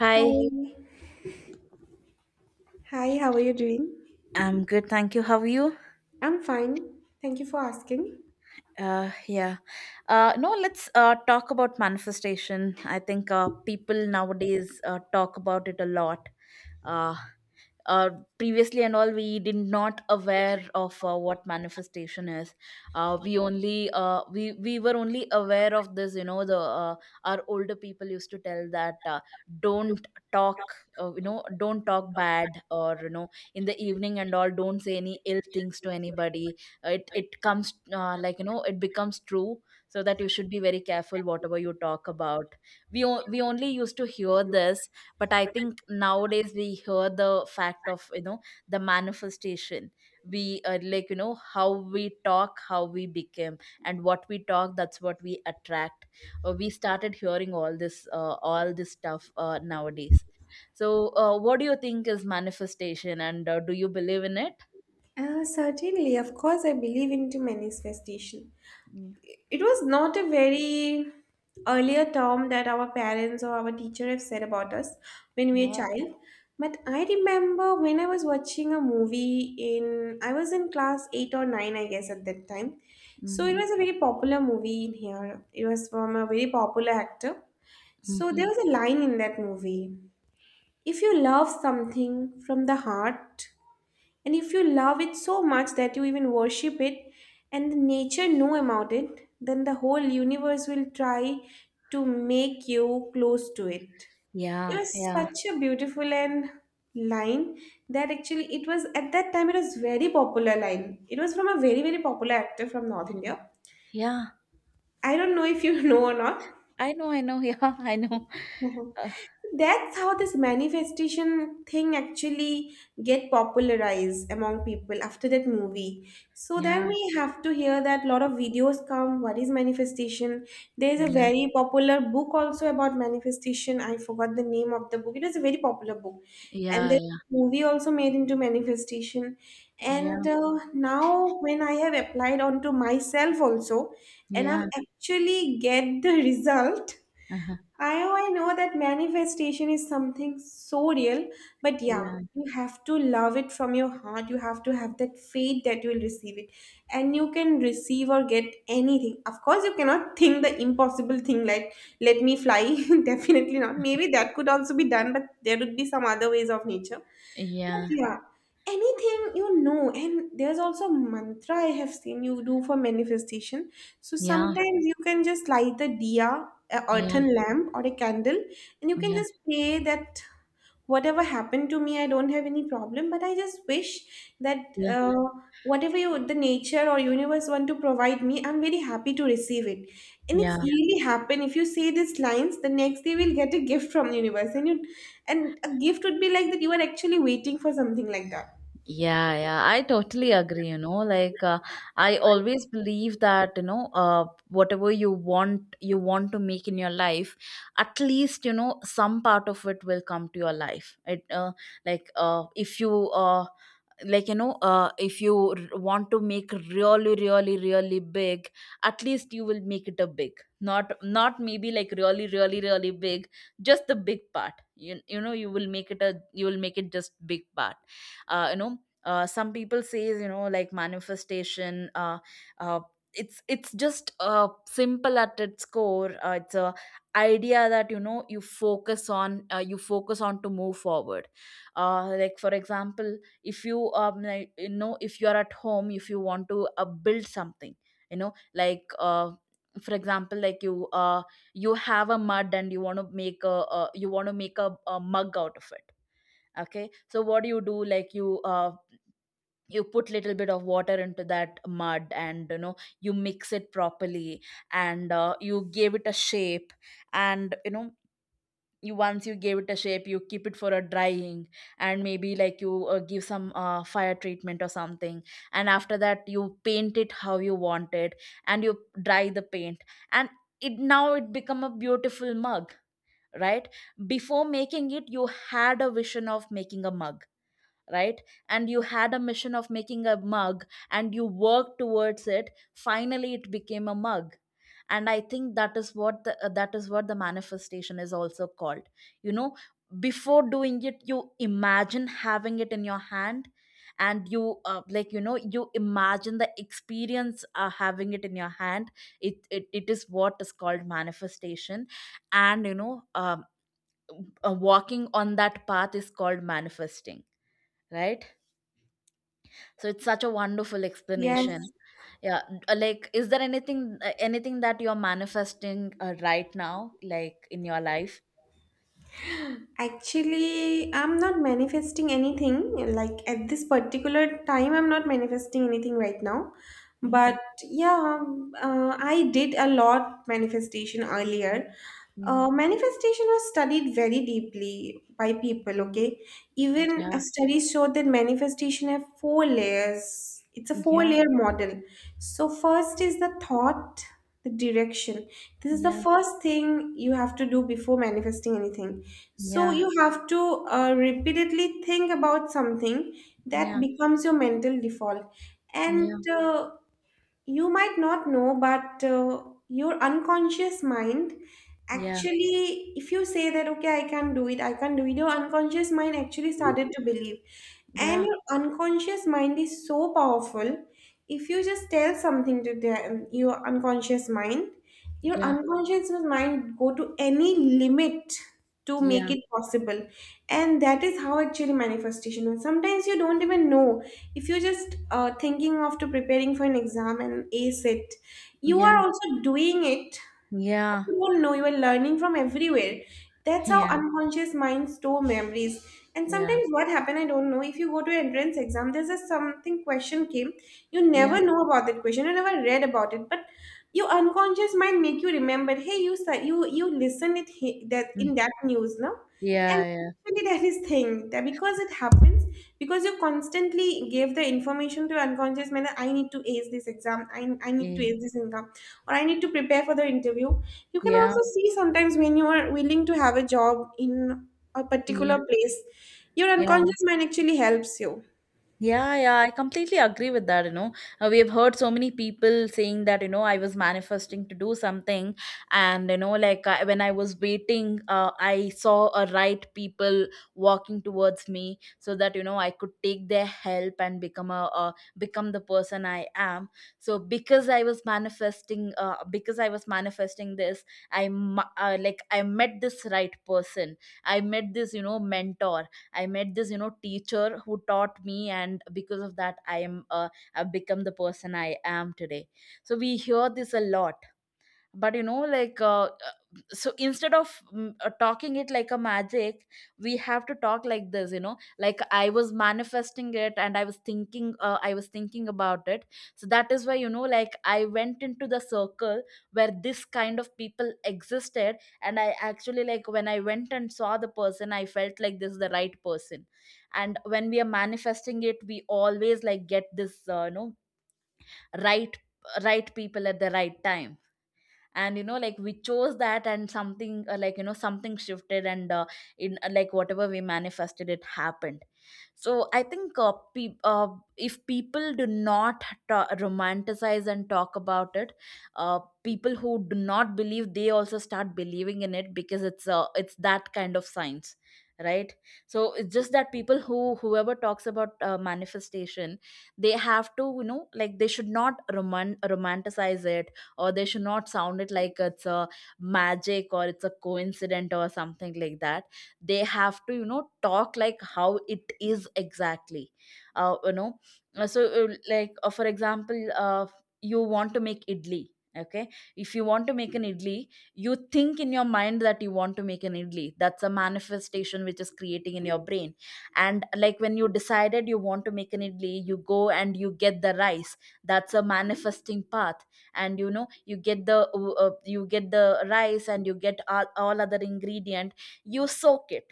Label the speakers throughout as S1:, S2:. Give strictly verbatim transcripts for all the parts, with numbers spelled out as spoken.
S1: Hi,
S2: Hi, hi, how are you doing?
S1: I'm good, thank you. How are you?
S2: I'm fine. Thank you for asking.
S1: Uh, yeah. Uh, no, let's uh, talk about manifestation. I think uh, people nowadays uh, talk about it a lot. Uh, uh, previously and all, we did not aware of uh, what manifestation is. Uh, we only uh, we we were only aware of this. You know, the uh, our older people used to tell that, uh, don't talk. Uh, you know, don't talk bad, or, you know, in the evening and all, don't say any ill things to anybody. It it comes, uh, like, you know it becomes true. So that you should be very careful whatever you talk about. We o- we only used to hear this. But I think nowadays we hear the fact of, you know the manifestation. We, uh, like, you know how we talk, how we became, and what we talk, that's what we attract. Uh, we started hearing all this, uh, all this stuff uh, nowadays. So, uh, what do you think is manifestation, and uh, do you believe in it?
S2: Uh, certainly, of course, I believe into manifestation.
S1: Mm.
S2: It was not a very earlier term that our parents or our teacher have said about us when we were a
S1: Yeah.
S2: child. But I remember when I was watching a movie in, I was in class eight or nine, I guess, at that time. So it
S1: Hmm.
S2: was a very popular movie in here. It was from a very popular actor. So there
S1: Mhm.
S2: was a line in that movie. If you love something from the heart, and if you love it so much that you even worship it, and the nature know about it, then the whole universe will try to make you close to it. It
S1: Yeah,
S2: was
S1: yeah,
S2: such a beautiful and line that actually, it was at that time, it was very popular line. It was from a very very popular actor from North India.
S1: yeah.
S2: I don't know if you know or not.
S1: I know, I know. Yeah, I know.
S2: Mhm.
S1: Uh,
S2: That's how this manifestation thing actually get popularized among people after that movie. So then
S1: yeah,
S2: we have to hear that a lot of videos come. What is manifestation? There's a very popular book also about manifestation. I forgot the name of the book. It was a very popular book, and
S1: yeah,
S2: there's
S1: yeah,
S2: a movie also made into manifestation.
S1: yeah,
S2: And uh, now when I have applied onto myself also,
S1: yeah,
S2: and I've
S1: yeah,
S2: actually get the result.
S1: uh-huh.
S2: I I know that manifestation is something so real, but yeah,
S1: Yeah,
S2: you have to love it from your heart. You have to have that faith that you will receive it. And you can receive or get anything. Of course, you cannot think the impossible thing like, let me fly. Definitely not. Maybe that could also be done, but there would be some other ways of nature. But
S1: yeah,
S2: yeah, anything you know, and there's also mantra I have seen you do for manifestation. So
S1: yeah,
S2: sometimes you can just light the diya, a
S1: yeah, yeah,
S2: earthen lamp or a candle, and you can
S1: yeah,
S2: just pray that whatever happened to me, I don't have any problem, but I just wish that, uh, whatever you, the nature or universe, want to provide me, I'm very happy to receive it. And
S1: yeah,
S2: it's really happen. If you say these lines, the next day we'll get a gift from the universe. And you and a gift would be like that you are actually waiting for something like that.
S1: yeah, yeah. I totally agree. You know, like, uh, I always believe that, you know, uh, whatever you want, you want to make in your life, at least, you know some part of it will come to your life. It uh, like uh, if you uh like you know uh, if you r- want to make really, really, really big. At least you will make it a big. Not not maybe, like, really, really, really big. Just the big part. You, you know you will make it, a you will make it just big part. Uh, you know uh, Some people says, you know like, manifestation, uh, uh, it's it's just, uh, simple at its core. Uh, it's a idea that, you know you focus on, uh, you focus on to move forward. Uh, like, for example, if you um like, you know if you are at home, if you want to uh, build something. You know like, uh for example, like you, uh you have a mud and you want to make a uh, you want to make a, a mug out of it. Okay, so what do you do? Like, you, uh you put little bit of water into that mud, and, you know you mix it properly. And uh, you gave it a shape. And, you know you once you gave it a shape, you keep it for a drying. And maybe, like, you uh, give some uh, fire treatment or something. And after that, you paint it how you want it, and you dry the paint. And, it now it become a beautiful mug, right? Before making it, you had a vision of making a mug, right? And you had a mission of making a mug, and you worked towards it. Finally, it became a mug. And I think that is what the, uh, that is what the manifestation is also called, you know Before doing it, you imagine having it in your hand. And you, uh, like, you know you imagine the experience, uh, having it in your hand. It, it it is what is called manifestation. And, you know um, uh, walking on that path is called manifesting, right? So it's such a wonderful
S2: Yes.
S1: explanation. Yeah, uh, like, is there anything, uh, anything that you're manifesting, uh, right now, like, in your life?
S2: Actually, I'm not manifesting anything. Like at this particular time, I'm not manifesting anything right now.
S1: Hmm.
S2: But yeah, um, uh, I did a lot manifestation earlier. Uh,
S1: Hmm.
S2: manifestation was studied very deeply by people. Okay, even
S1: Yeah,
S2: uh, studies show that manifestation have four layers. It's a
S1: yeah,
S2: four-layer model. So first is the thought, the direction. This is the
S1: yeah,
S2: first thing you have to do before manifesting anything, so
S1: yeah,
S2: you have to uh, repeatedly think about something that
S1: yeah,
S2: becomes your mental default. And uh, you might not know, but uh, your unconscious mind
S1: yeah,
S2: actually, if you say that, okay, I can't do it, I can't do it, your unconscious mind actually started to believe.
S1: yeah,
S2: And your unconscious mind is so powerful. If you just tell something to them, your unconscious mind, your
S1: yeah,
S2: unconscious mind go to any limit to make
S1: yeah,
S2: it possible. And that is how actually manifestation is. Sometimes you don't even know. If you're just uh, thinking after preparing for an exam and ace it, you
S1: yeah,
S2: are also doing it, but you
S1: yeah,
S2: don't know, you are learning from everywhere. That's
S1: yeah,
S2: how
S1: yeah,
S2: unconscious minds store memories. And
S1: yeah,
S2: sometimes what happened, I don't know, if you go to an entrance exam, there's a something question came. You
S1: yeah,
S2: never know about that question, you never read about it, but your unconscious mind make you remember, hey, you sa- you you listen it, he- that
S1: mm,
S2: in that news, no. And
S1: yeah, yeah,
S2: actually that is thing that because it happens, because you constantly gave the information to your unconscious mind that I need to ace this exam, i, I need to ace this exam, or I need to prepare for the interview. You can
S1: yeah,
S2: also
S1: yeah,
S2: see sometimes when you are willing to have a job in a
S1: yeah.
S2: particular place, your
S1: Yeah.
S2: unconscious mind actually helps you.
S1: Yeah, yeah, I completely agree with that. You know, uh, we have heard so many people saying that, you know, I was manifesting to do something, and, you know, like, I, when I was waiting, uh, I saw a right people walking towards me so that, you know I could take their help and become a uh, become the person I am. So because I was manifesting, uh, because I was manifesting this, I mu- uh, like, I met this right person, I met this, you know, mentor. I met this, you know teacher who taught me, and because of that, i am uh, I've become the person I am today. So we hear this a lot. But, you know like, uh, so instead of, mm, uh, talking it like a magic, we have to talk like this. You know like, I was manifesting it, and i was thinking uh, i was thinking about it. So that is why, you know like, I went into the circle where this kind of people existed. And I actually, like, when I went and saw the person, I felt like this is the right person. And when we are manifesting it, we always, like, get this, uh, you know right, right people at the right time. And, you know like, we chose that, and something, uh, like, you know something shifted. And uh, in, uh, like, whatever we manifested, it happened. So I think, uh, pe- uh, if people do not ta- romanticize and talk about it, uh, people who do not believe, they also start believing in it, because it's uh, it's that kind of science, right? So it's just that, people who whoever talks about, uh, manifestation, they have to, you know like, they should not roman- romanticize it, or they should not sound it like it's a magic, or it's a coincidence, or something like that. They have to, you know talk like how it is exactly, uh, you know Uh, so uh, like uh, for example, uh, you want to make idli, okay? If you want to make an idli, you think in your mind that you want to make an idli. That's a manifestation which is creating in your brain. And like, when you decided you want to make an idli, you go and you get the rice. That's a manifesting path. And, you know you get the uh, uh, you get the rice, and you get all, all other ingredient. you soak it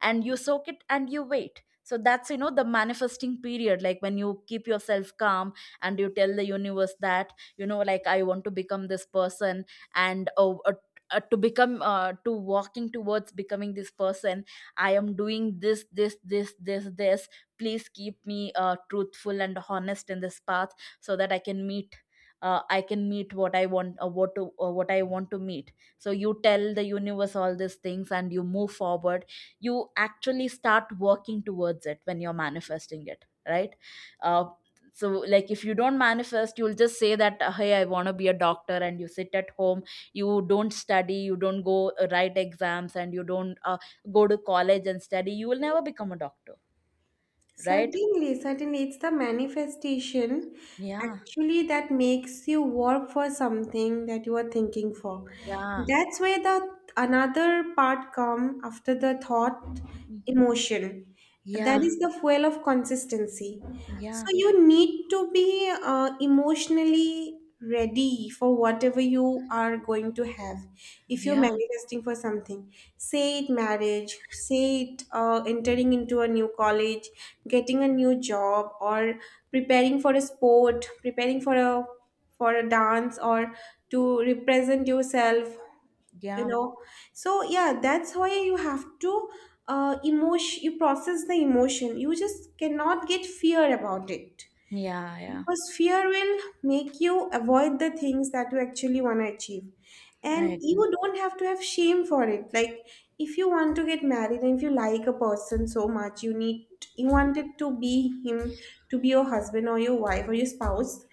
S1: and you soak it and you wait. So that's, you know the manifesting period, like, when you keep yourself calm and you tell the universe that, you know like, I want to become this person. And, oh, uh, uh, to become uh, to walking towards becoming this person, I am doing this, this, this, this, this. Please keep me, uh, truthful and honest in this path, so that i can meet uh, I can meet what I want, uh, what to uh, what I want to meet. So you tell the universe all these things and you move forward. You actually start working towards it when you're manifesting it, right? Uh, so like, if you don't manifest, you'll just say that, "Uh, hey, I want to be a doctor," and you sit at home. You don't study. You don't go, uh, write exams. And you don't, uh, go to college and study. You will never become a doctor. Right.
S2: Certainly, certainly, it's the manifestation
S1: Yeah,
S2: actually that makes you work for something that you are thinking for.
S1: yeah,
S2: That's where the another part come after the thought emotion. That
S1: yeah,
S2: is the fuel of consistency. So
S1: yeah,
S2: you need to be uh, emotionally ready for whatever you are going to have. If you're
S1: yeah,
S2: manifesting for something, say it marriage, say it uh, entering into a new college, getting a new job, or preparing for a sport, preparing for a for a dance, or to represent yourself you
S1: yeah,
S2: know so yeah, that's why you have to uh emotion, you process the emotion, you just cannot get fear about it,
S1: yeah, yeah.
S2: because fear will make you avoid the things that you actually want to achieve.
S1: I
S2: And you
S1: agree.
S2: don't have to have shame for it, like if you want to get married, and if you like a person so much, you need, you want it to be him, to be your husband or your wife or your spouse,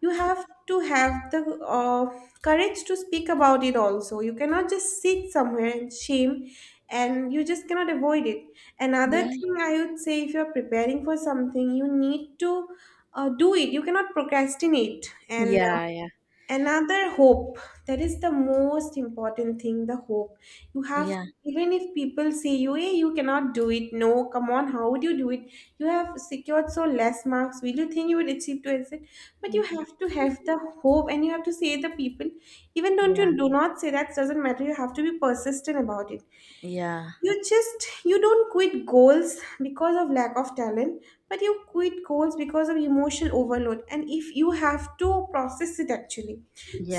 S2: you have to have the uh, courage to speak about it also. You cannot just sit somewhere and shame, and you just cannot avoid it. Another
S1: Yeah,
S2: thing I would say, if you're preparing for something, you need to uh, do it, you cannot procrastinate, and uh,
S1: yeah, yeah,
S2: another hope, that is the most important thing, the hope you have.
S1: yeah,
S2: Even if people say you, hey, you cannot do it, no, come on, how would you do it, you have secured so less marks, will you think you would achieve to exit, but you have to have the hope. And you have to say the people, even don't,
S1: yeah,
S2: you do not say that, doesn't matter, you have to be persistent about it.
S1: yeah,
S2: You just you don't quit goals because of lack of talent, but you quit goals because of emotional overload, and if you have to process it actually.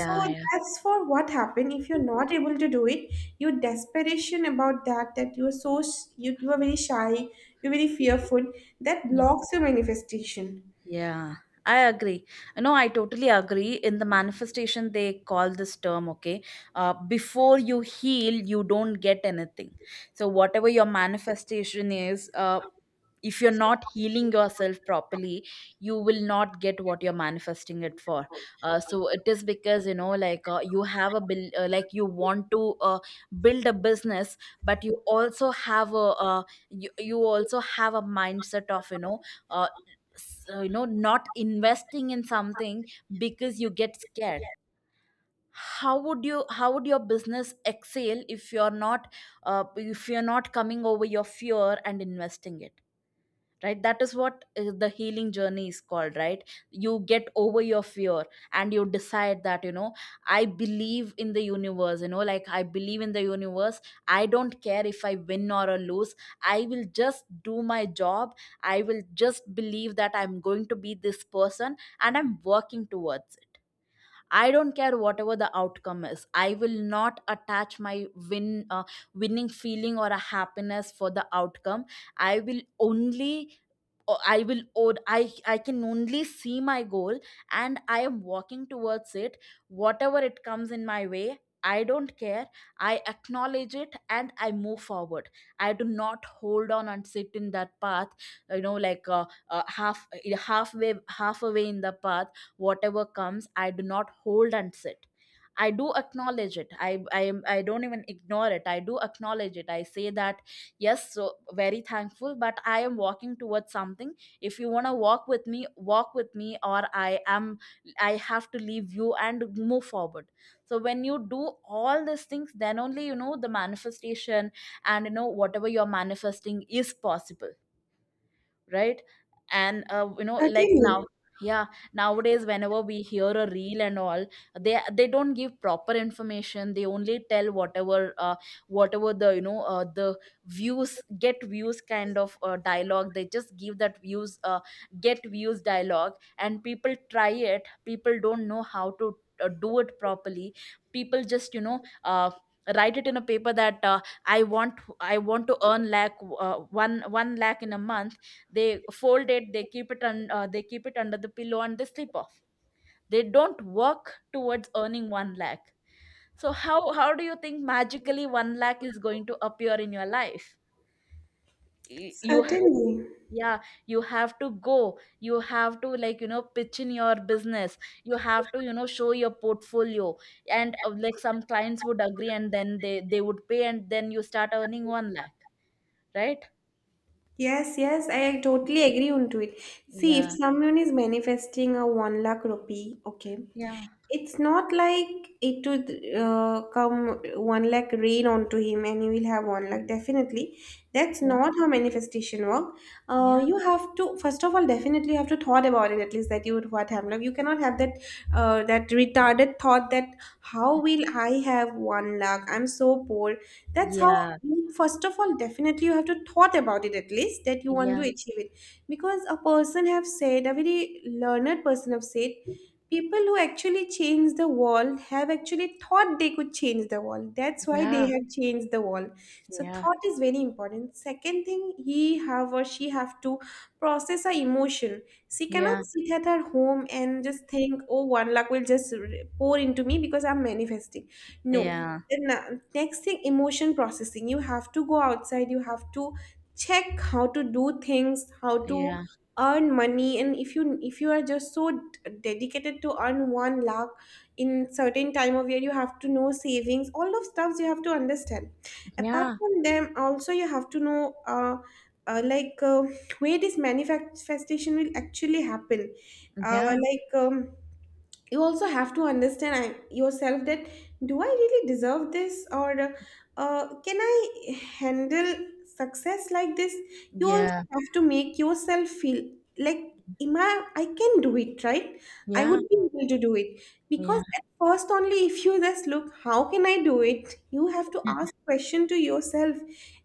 S2: So
S1: yeah.
S2: that's for what happened, if you're not able to do it, your desperation about that that you're so s- you, you are very shy, you're very fearful, that blocks your manifestation.
S1: Yeah, I agree. No, I totally agree. In the manifestation, they call this term, okay? Uh, before you heal, you don't get anything. So, whatever your manifestation is, uh, if you're not healing yourself properly, you will not get what you're manifesting it for. Uh, so it is because, you know, like, uh, you have a bill, uh, like, you want to, uh, build a business, but you also have a, uh, you, you also have a mindset of, you know, uh, so, you know not investing in something, because you get scared. How would you how would your business excel if you're not, uh, if you're not coming over your fear and investing it? Right. That is what, uh, the healing journey is called, right? You get over your fear, and you decide that, you know I believe in the universe. You know like, I believe in the universe. I don't care if I win or I lose. I will just do my job. I will just believe that I'm going to be this person, and I'm working towards it. I don't care whatever the outcome is. I will not attach my win, uh, winning feeling, or a happiness for the outcome. I will only o- I will od- I I can only see my goal, and I am walking towards it. Whatever it comes in my way, I don't care. I acknowledge it and I move forward. I do not hold on and sit in that path, you know, like, uh, uh, half halfway, half away in the path. Whatever comes, I do not hold and sit. I do acknowledge it. I i am, I don't even ignore it. I do acknowledge it. I say that, yes, so very thankful, but I am walking towards something. If you want to walk with me, walk with me, or i am I have to leave you and move forward. So when you do all these things, then only you know the manifestation, and you know whatever you're manifesting is possible, right? And uh, you know, like,
S2: Certainly,
S1: now, yeah, nowadays, whenever we hear a reel and all, they they don't give proper information. They only tell whatever uh, whatever the, you know uh, the views, get views kind of uh, dialogue. They just give that views, uh, get views dialogue, and people try it. People don't know how to uh, do it properly. People just you know. Uh, write it in a paper that uh, i want i want to earn lakh uh, 1 1 lakh in a month. They fold it, they keep it on, uh, they keep it under the pillow, and they sleep off. They don't work towards earning one lakh. So how how do you think magically one lakh is going to appear in your life? Y- you
S2: certainly.
S1: Yeah, you have to go. You have to, like, you know pitch in your business. You have to, you know show your portfolio. And uh, like, some clients would agree, and then they they would pay, and then you start earning one lakh, right?
S2: Yes, yes, I totally agree onto it. See, if
S1: Yeah,
S2: someone is manifesting a one lakh rupee, okay,
S1: yeah,
S2: it's not like it would uh, come one lakh rain onto him and he will have one lakh. Definitely, that's
S1: yeah,
S2: not how manifestation work. Uh,
S1: yeah,
S2: you have to first of all definitely have to thought about it at least that you would what happened. Like, you cannot have that uh, that retarded thought that how will I have one lakh? I'm so poor. That's how.
S1: yeah,
S2: First of all, definitely you have to thought about it at least that you want to
S1: yeah,
S2: achieve it, because a person have said, a very learned person have said, people who actually change the world have actually thought they could change the world, that's why they
S1: yeah.
S2: have changed the world. So
S1: Yeah,
S2: thought is very important. Second thing, he have or she have to process her emotion. She cannot
S1: yeah,
S2: sit at her home and just think, oh, one luck will just r- pour into me because I'm manifesting. No.
S1: yeah,
S2: Then uh, next thing, emotion processing, you have to go outside, you have to check how to do things, how to
S1: yeah,
S2: earn money. And if you if you are just so d- dedicated to earn one lakh in certain time of year, you have to know savings, all of stuffs you have to understand. Apart
S1: yeah,
S2: from them also, you have to know uh, uh, like uh, where this manifestation will actually happen. uh,
S1: yeah,
S2: like um, you also have to understand, I, yourself, that do I really deserve this, or uh, uh, can I handle success like this? You also
S1: yeah,
S2: have to make yourself feel like, am I, I can do it, right? I
S1: yeah,
S2: would be able to do it,
S1: yeah,
S2: because at first only, if you just look how can I do it, you have to
S1: yeah.
S2: ask question to yourself,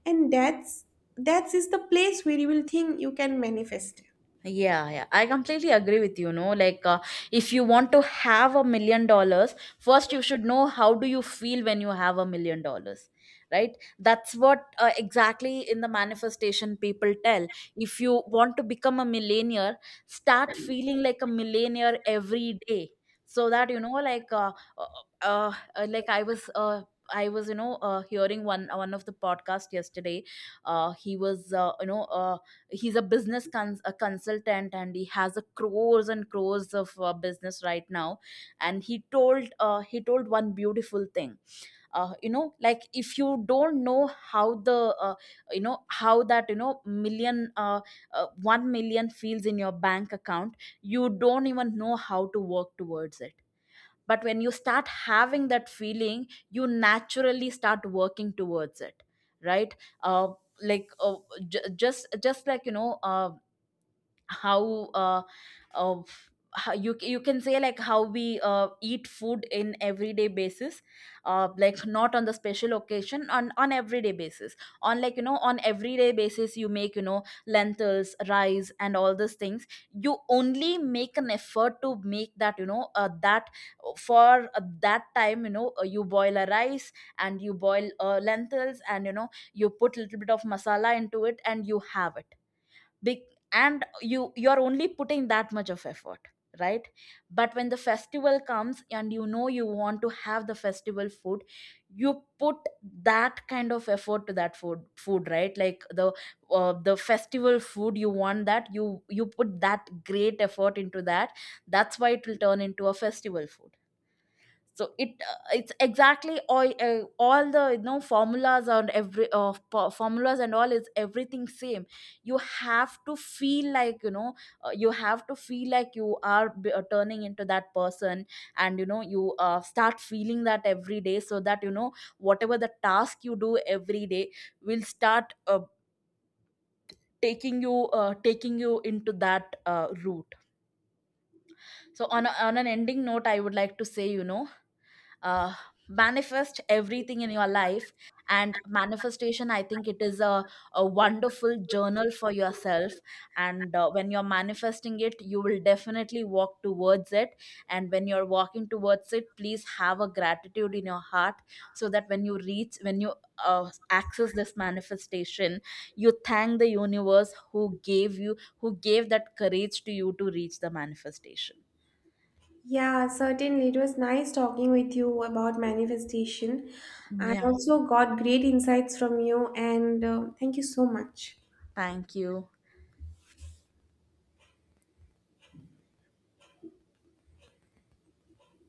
S2: and that's that is the place where you will think you can manifest.
S1: Yeah, yeah, I completely agree with you. No, like, uh, if you want to have a million dollars, first you should know how do you feel when you have a million dollars, right? That's what uh, exactly in the manifestation people tell. If you want to become a millionaire, start feeling like a millionaire every day, so that you know, like, uh, uh, uh, uh, like I was, uh, I was, you know, uh, hearing one one of the podcast yesterday. Uh, he was, uh, you know. Uh, he's a business cons- a consultant, and he has a crores and crores of uh, business right now. And he told uh, he told one beautiful thing. Uh, you know like, if you don't know how the, uh, you know how that, you know million, uh, uh, 1 million feels in your bank account, you don't even know how to work towards it. But when you start having that feeling, you naturally start working towards it, right? uh, like, uh, j- just just like, you know uh, how, uh, uh how you you can say, like, how we uh, eat food in everyday basis, uh like, not on the special occasion, on on everyday basis. On, like, you know, on everyday basis, you make, you know, lentils, rice, and all these things. You only make an effort to make that, you know uh, that, for uh, that time, you know uh, you boil a rice, and you boil uh, lentils, and you know, you put a little bit of masala into it, and you have it, big. And you you're only putting that much of effort, right? But when the festival comes, and you know, you want to have the festival food, you put that kind of effort to that food food, right? Like the, uh, the festival food, you want that, you you put that great effort into that. That's why it will turn into a festival food. So it uh, it's exactly all, uh, all the, you know, formulas, and every uh, po- formulas and all, is everything same. You have to feel like, you know, uh, you have to feel like you are b- uh, turning into that person, and you know you uh, start feeling that every day, so that you know, whatever the task you do every day will start uh, taking you, uh, taking you into that uh, route. So on, a, on an ending note, I would like to say, you know uh, manifest everything in your life. And manifestation, I think it is a, a wonderful journal for yourself. And uh, when you're manifesting it, you will definitely walk towards it. And when you're walking towards it, please have a gratitude in your heart, so that when you reach, when you uh, access this manifestation, you thank the universe who gave you who gave that courage to you to reach the manifestation.
S2: Yeah, certainly. It was nice talking with you about manifestation. I
S1: Yeah.
S2: also got great insights from you, and uh, thank you so much.
S1: Thank you.